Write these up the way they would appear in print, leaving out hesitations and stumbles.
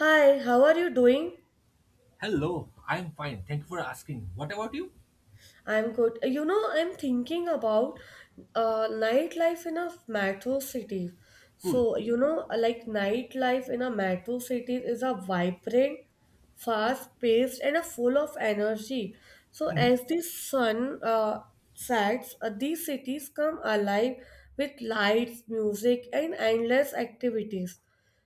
Hi, how are you doing? Hello, I'm fine. Thank you for asking. What about you? I'm good. You know, I'm thinking about nightlife in a metro city. Cool. So, you know, like nightlife in a metro city is a vibrant, fast-paced, and a full of energy. So, as the sun sets, these cities come alive with lights, music, and endless activities.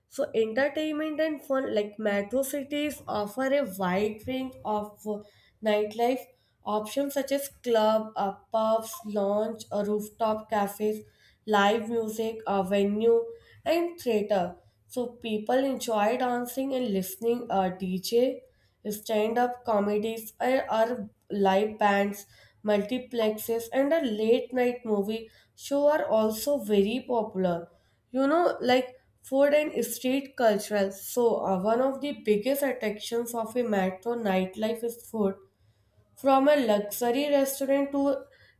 So, entertainment and fun, like metro cities, offer a wide range of nightlife options such as club, pubs, lounge, rooftop cafes, live music, a venue, and theater. So, people enjoy dancing and listening DJ stand-up comedies or are live bands multiplexes and a late night movie show are also very popular, you know, like food and street culture. So one of the biggest attractions of a metro nightlife is food, from a luxury restaurant to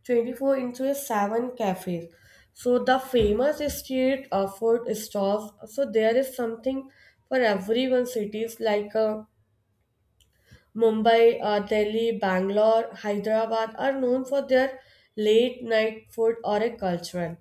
24 into a 7 cafe, so the famous street food stalls. So there is something for everyone. Cities like a Mumbai, Delhi, Bangalore, Hyderabad are known for their late night food or a cultural.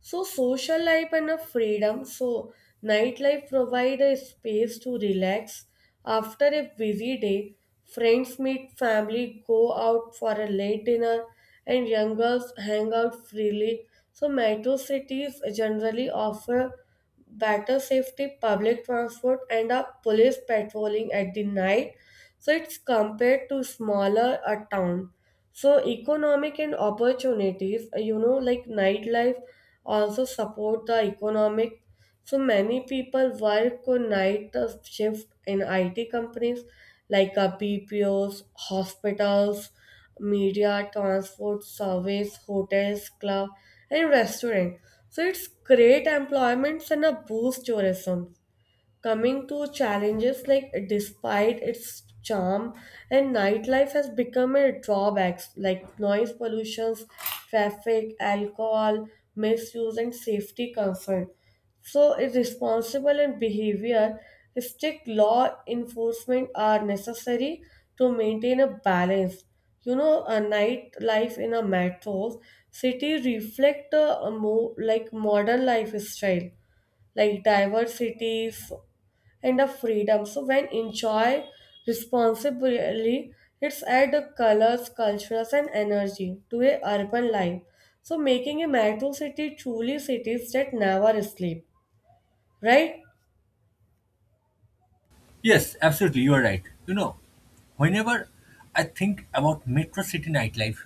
So social life and a freedom. So nightlife provide a space to relax after a busy day. Friends meet, family go out for a late dinner, and young girls hang out freely. So metro cities generally offer better safety, public transport, and a police patrolling at the night. So it's compared to smaller a town. So economic and opportunities, you know, like nightlife also support the economic. So many people work on night shift in IT companies like BPOs, hospitals, media, transport, service, hotels, club, and restaurant. So it's create employments and a boost tourism. Coming to challenges, like despite its charm, and nightlife has become a drawback, like noise pollution, traffic, alcohol, misuse, and safety concern. So, irresponsible and behavior, strict law enforcement are necessary to maintain a balance. You know, a nightlife in a metro city reflect a more like modern lifestyle, like diverse cities and of freedom. So when enjoy responsibly, it's add the colors, cultures, and energy to a urban life. So making a metro city truly cities that never sleep, right? Yes, absolutely. You are right. You know, whenever I think about metro city nightlife,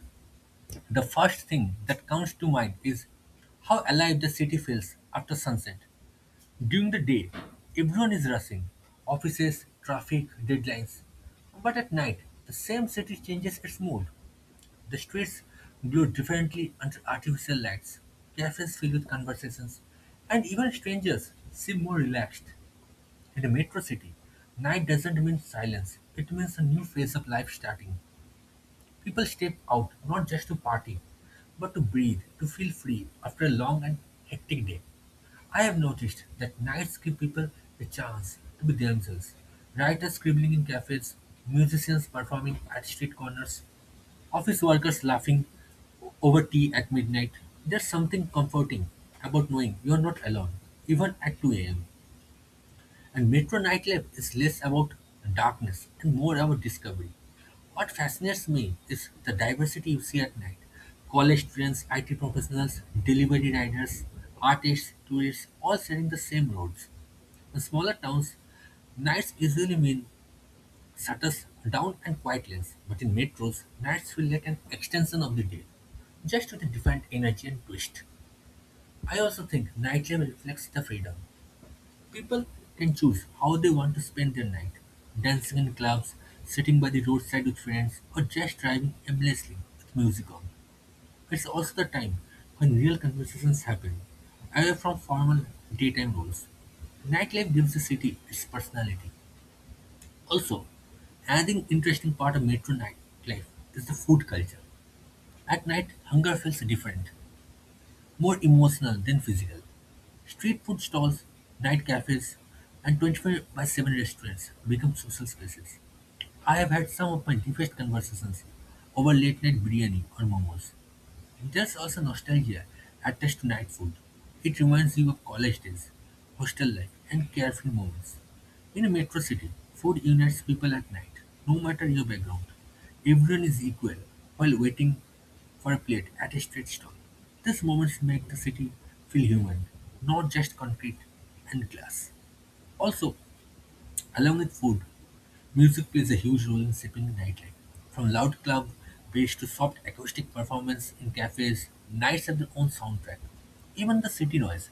the first thing that comes to mind is how alive the city feels after sunset. During the day, everyone is rushing offices, traffic, deadlines. But at night, the same city changes its mood. The streets glow differently under artificial lights, cafes filled with conversations, and even strangers seem more relaxed. In a metro city, night doesn't mean silence, it means a new phase of life starting. People step out not just to party, but to breathe, to feel free after a long and hectic day. I have noticed that nights give people the chance to be themselves. Writers scribbling in cafes, musicians performing at street corners, office workers laughing over tea at midnight. There's something comforting about knowing you're not alone, even at 2 a.m. And metro nightlife is less about darkness and more about discovery. What fascinates me is the diversity you see at night. College students, IT professionals, delivery riders, artists, tourists, all sharing the same roads. In smaller towns, nights usually mean shutters down and quiet lanes, but in metros, nights feel like an extension of the day, just with a different energy and twist. I also think nightlife reflects the freedom. People can choose how they want to spend their night, dancing in clubs, sitting by the roadside with friends, or just driving aimlessly with music on. It's also the time when real conversations happen, away from formal daytime rules. Nightlife gives the city its personality. Also, another interesting part of metro nightlife is the food culture. At night, hunger feels different more emotional than physical. Street food stalls, night cafes, and 24/7 restaurants become social spaces. I have had some of my deepest conversations over late night biryani or momos. There's also nostalgia attached to night food. It reminds you of college days, hostel life, and carefree moments. In a metro city, food unites people at night, no matter your background. Everyone is equal while waiting for a plate at a street stall. These moments make the city feel human, not just concrete and glass. Also, along with food, music plays a huge role in shaping nightlife, from loud club bass to soft acoustic performance in cafes. Nights have their own soundtrack. Even the city noise,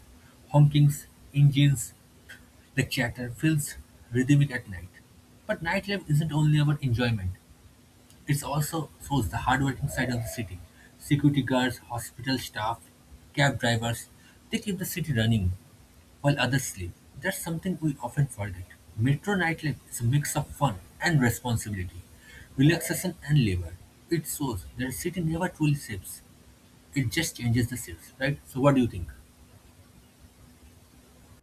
honkings, engines, the chatter feels rhythmic at night. But nightlife isn't only about enjoyment; it also shows the hardworking side of the city. Security guards, hospital staff, cab drivers—they keep the city running while others sleep. That's something we often forget. Metro nightlife is a mix of fun and responsibility, relaxation and labor. It shows that a city never truly sleeps. It just changes the shifts, right? So what do you think?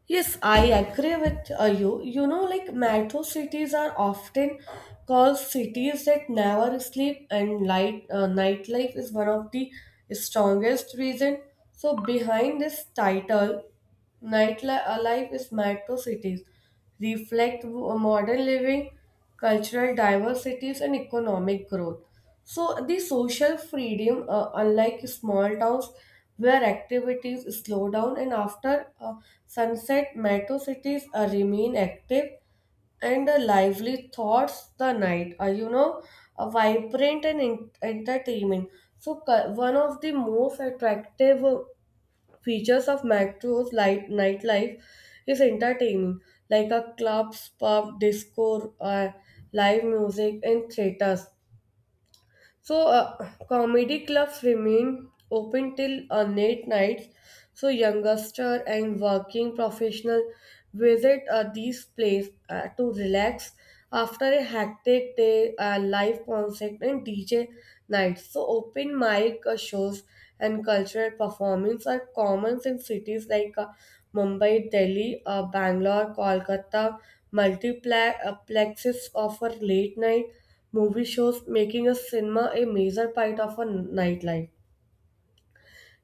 Yes, I agree with you. You know, like metro cities are often called cities that never sleep, and light nightlife is one of the strongest reason. So behind this title, nightlife is metro cities reflect modern living, cultural diversities and economic growth. So the social freedom, unlike small towns where activities slow down and after sunset, metro cities remain active and lively thoughts the night are, you know, a vibrant and entertainment. So one of the most attractive features of Macro's light nightlife is entertaining, like a clubs, pub, disco, live music, and theaters. So, comedy clubs remain open till late nights. So, youngster and working professional visit these places to relax after a hectic day, live concert and DJ nights. So, open mic shows and cultural performance are common in cities like Mumbai, Delhi, Bangalore, Kolkata. Multiplexes offer late night movie shows, making a cinema a major part of a nightlife,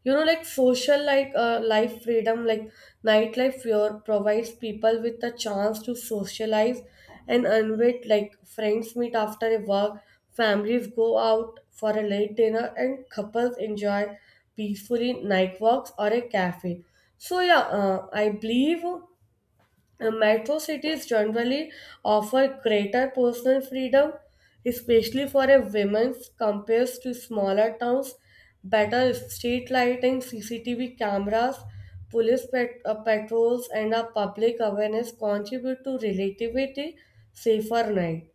you know, like social, like life freedom, like nightlife here provides people with the chance to socialize and unwed, like friends meet after a work, families go out for a late dinner, and couples enjoy peacefully night walks or a cafe. So yeah, I believe Metro cities generally offer greater personal freedom, especially for a women's compared to smaller towns. Better street lighting, CCTV cameras, patrols, and a public awareness contribute to relatively safer night.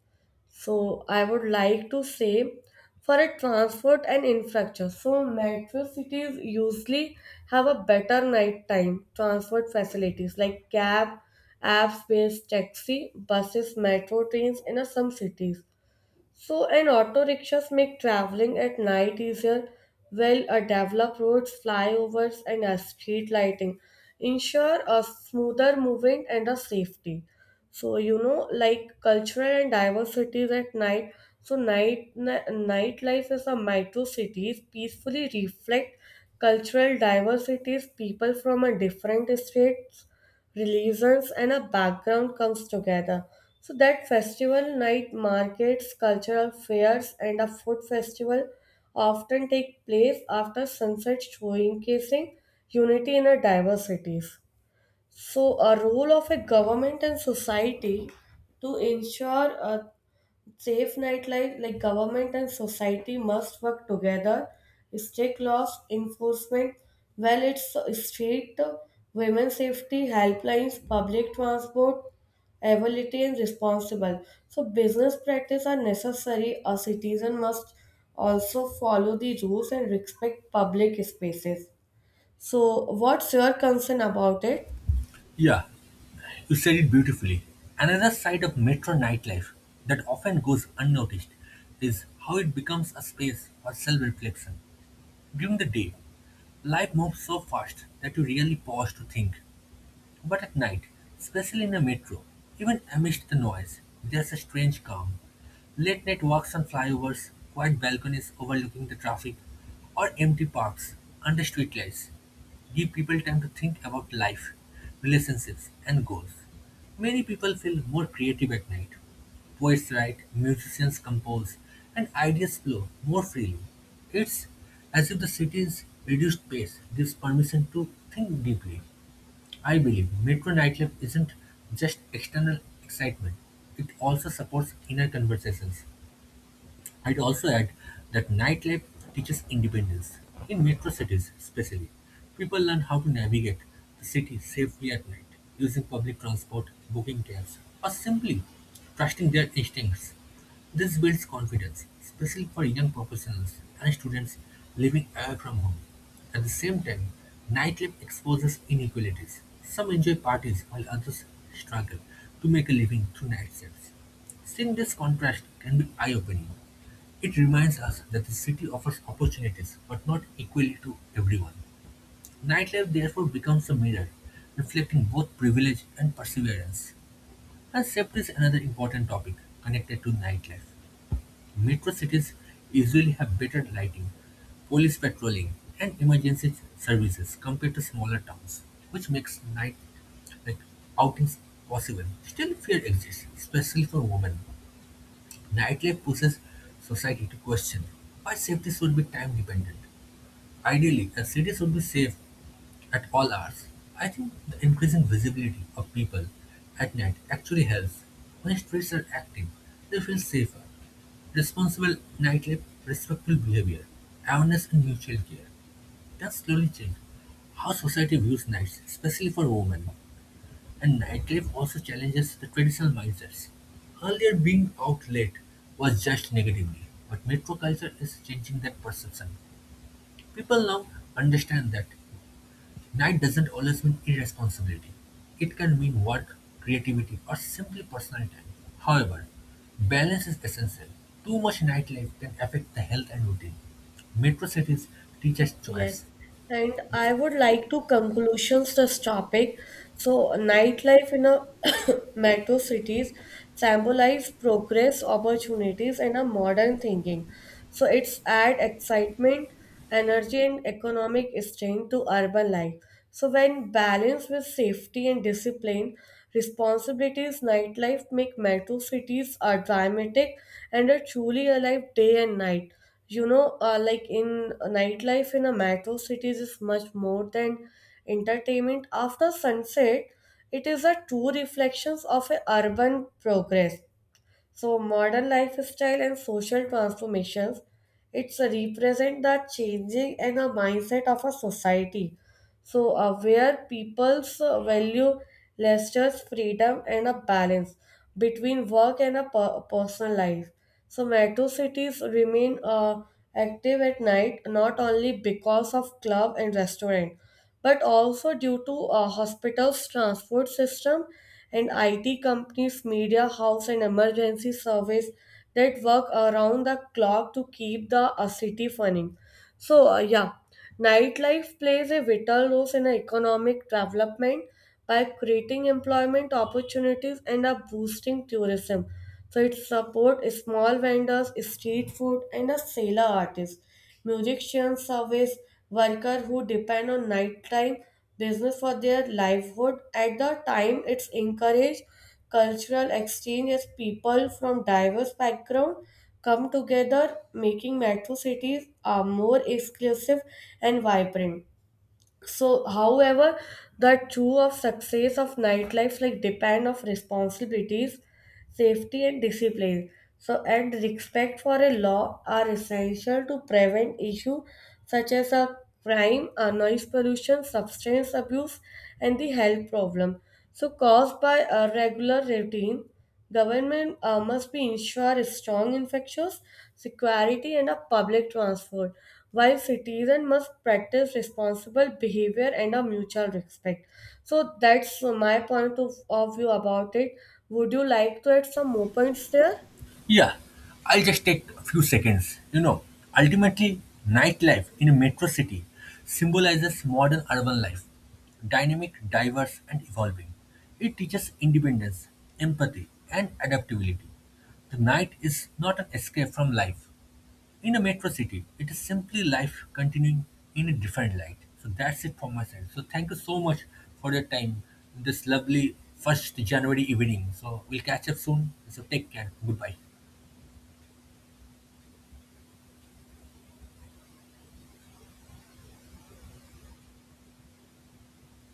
So I would like to say for a transport and infrastructure. So metro cities usually have a better nighttime transport facilities like cab, apps-based taxi, buses, metro trains in some cities. So and auto rickshaws make traveling at night easier, while developed roads, flyovers, and street lighting ensure a smoother movement and a safety. So you know, like cultural and diverse at night. So nightlife is a micro cities peacefully reflect cultural diversities. People from a different states, religions, and a background comes together. So that festival night markets, cultural fairs, and a food festival often take place after sunset, showcasing unity in our diversities. So, a role of a government and society to ensure a safe nightlife, like government and society must work together, strict laws enforcement, well, it's street women safety helplines, public transport, ability and responsible. So, business practice are necessary. A citizen must also follow the rules and respect public spaces. So, what's your concern about it? Yeah, you said it beautifully. Another side of metro nightlife that often goes unnoticed is how it becomes a space for self-reflection. During the day, life moves so fast that you really pause to think. But at night, especially in a metro, even amidst the noise, there's a strange calm. Late night walks on flyovers, quiet balconies overlooking the traffic, or empty parks under streetlights give people time to think about life, relationships, and goals. Many people feel more creative at night. Poets write, musicians compose, and ideas flow more freely. It's as if the city's reduced pace gives permission to think deeply. I believe metro nightlife isn't just external excitement, it also supports inner conversations. I'd also add that nightlife teaches independence. In metro cities, especially, people learn how to navigate the city safely at night, using public transport, booking cabs, or simply trusting their instincts. This builds confidence, especially for young professionals and students living away from home. At the same time, nightlife exposes inequalities. Some enjoy parties while others struggle to make a living through night sales. Seeing this contrast can be eye opening, it reminds us that the city offers opportunities, but not equally to everyone. Nightlife therefore becomes a mirror, reflecting both privilege and perseverance. And safety is another important topic connected to nightlife. Metro cities usually have better lighting, police patrolling, and emergency services compared to smaller towns, which makes night like outings possible. Still, fear exists, especially for women. Nightlife pushes society to question why safety should be time dependent. Ideally, a city should be safe at all hours. I think the increasing visibility of people at night actually helps. When streets are active, they feel safer. Responsible nightlife, respectful behavior, awareness, and mutual care can slowly change how society views nights, especially for women. And nightlife also challenges the traditional mindsets. Earlier, being out late was judged negatively, but metro culture is changing that perception. People now understand that night doesn't always mean irresponsibility, it can mean work, creativity, or simply personal time. However, balance is essential. Too much nightlife can affect the health and routine. Metro cities teach us Yes, choice. and I Yes. would like to conclusions this topic. So, nightlife in a metro cities symbolize progress, opportunities, and a modern thinking. So, it's add excitement, energy, and economic strength to urban life. So, when balanced with safety and discipline, responsibilities, nightlife make metro cities a dramatic and a truly alive day and night. You know, like in nightlife in a metro cities is much more than entertainment after sunset. It is a true reflections of a urban progress. So modern lifestyle and social transformations, it's a represent the changing and the mindset of a society. So, where people's value Lester's freedom and a balance between work and a personal life. So, metro cities remain active at night not only because of club and restaurant, but also due to hospitals, transport system, and IT companies, media house, and emergency service that work around the clock to keep the city running. So, yeah, nightlife plays a vital role in our economic development by creating employment opportunities and are boosting tourism. So, it supports small vendors, street food, and a sailor artist, musicians, service worker who depend on nighttime business for their livelihood. At the time, it's encouraged cultural exchange as people from diverse backgrounds come together, making metro cities more exclusive and vibrant. So however, the true of success of nightlife, like depend of responsibilities, safety and discipline, so and respect for a law are essential to prevent issue such as a crime, a noise pollution, substance abuse, and the health problem, so caused by a regular routine. Government must be ensure strong infectious security and a public transport, while citizens must practice responsible behavior and a mutual respect. So that's my point of view about it. Would you like to add some more points there? Yeah, I'll just take a few seconds. You know, ultimately, nightlife in a metro city symbolizes modern urban life, dynamic, diverse, and evolving. It teaches independence, empathy, and adaptability. The night is not an escape from life. In a metro city, it is simply life continuing in a different light. So that's it from my side. So thank you so much for your time this lovely first January evening. So we'll catch up soon. So take care. Goodbye.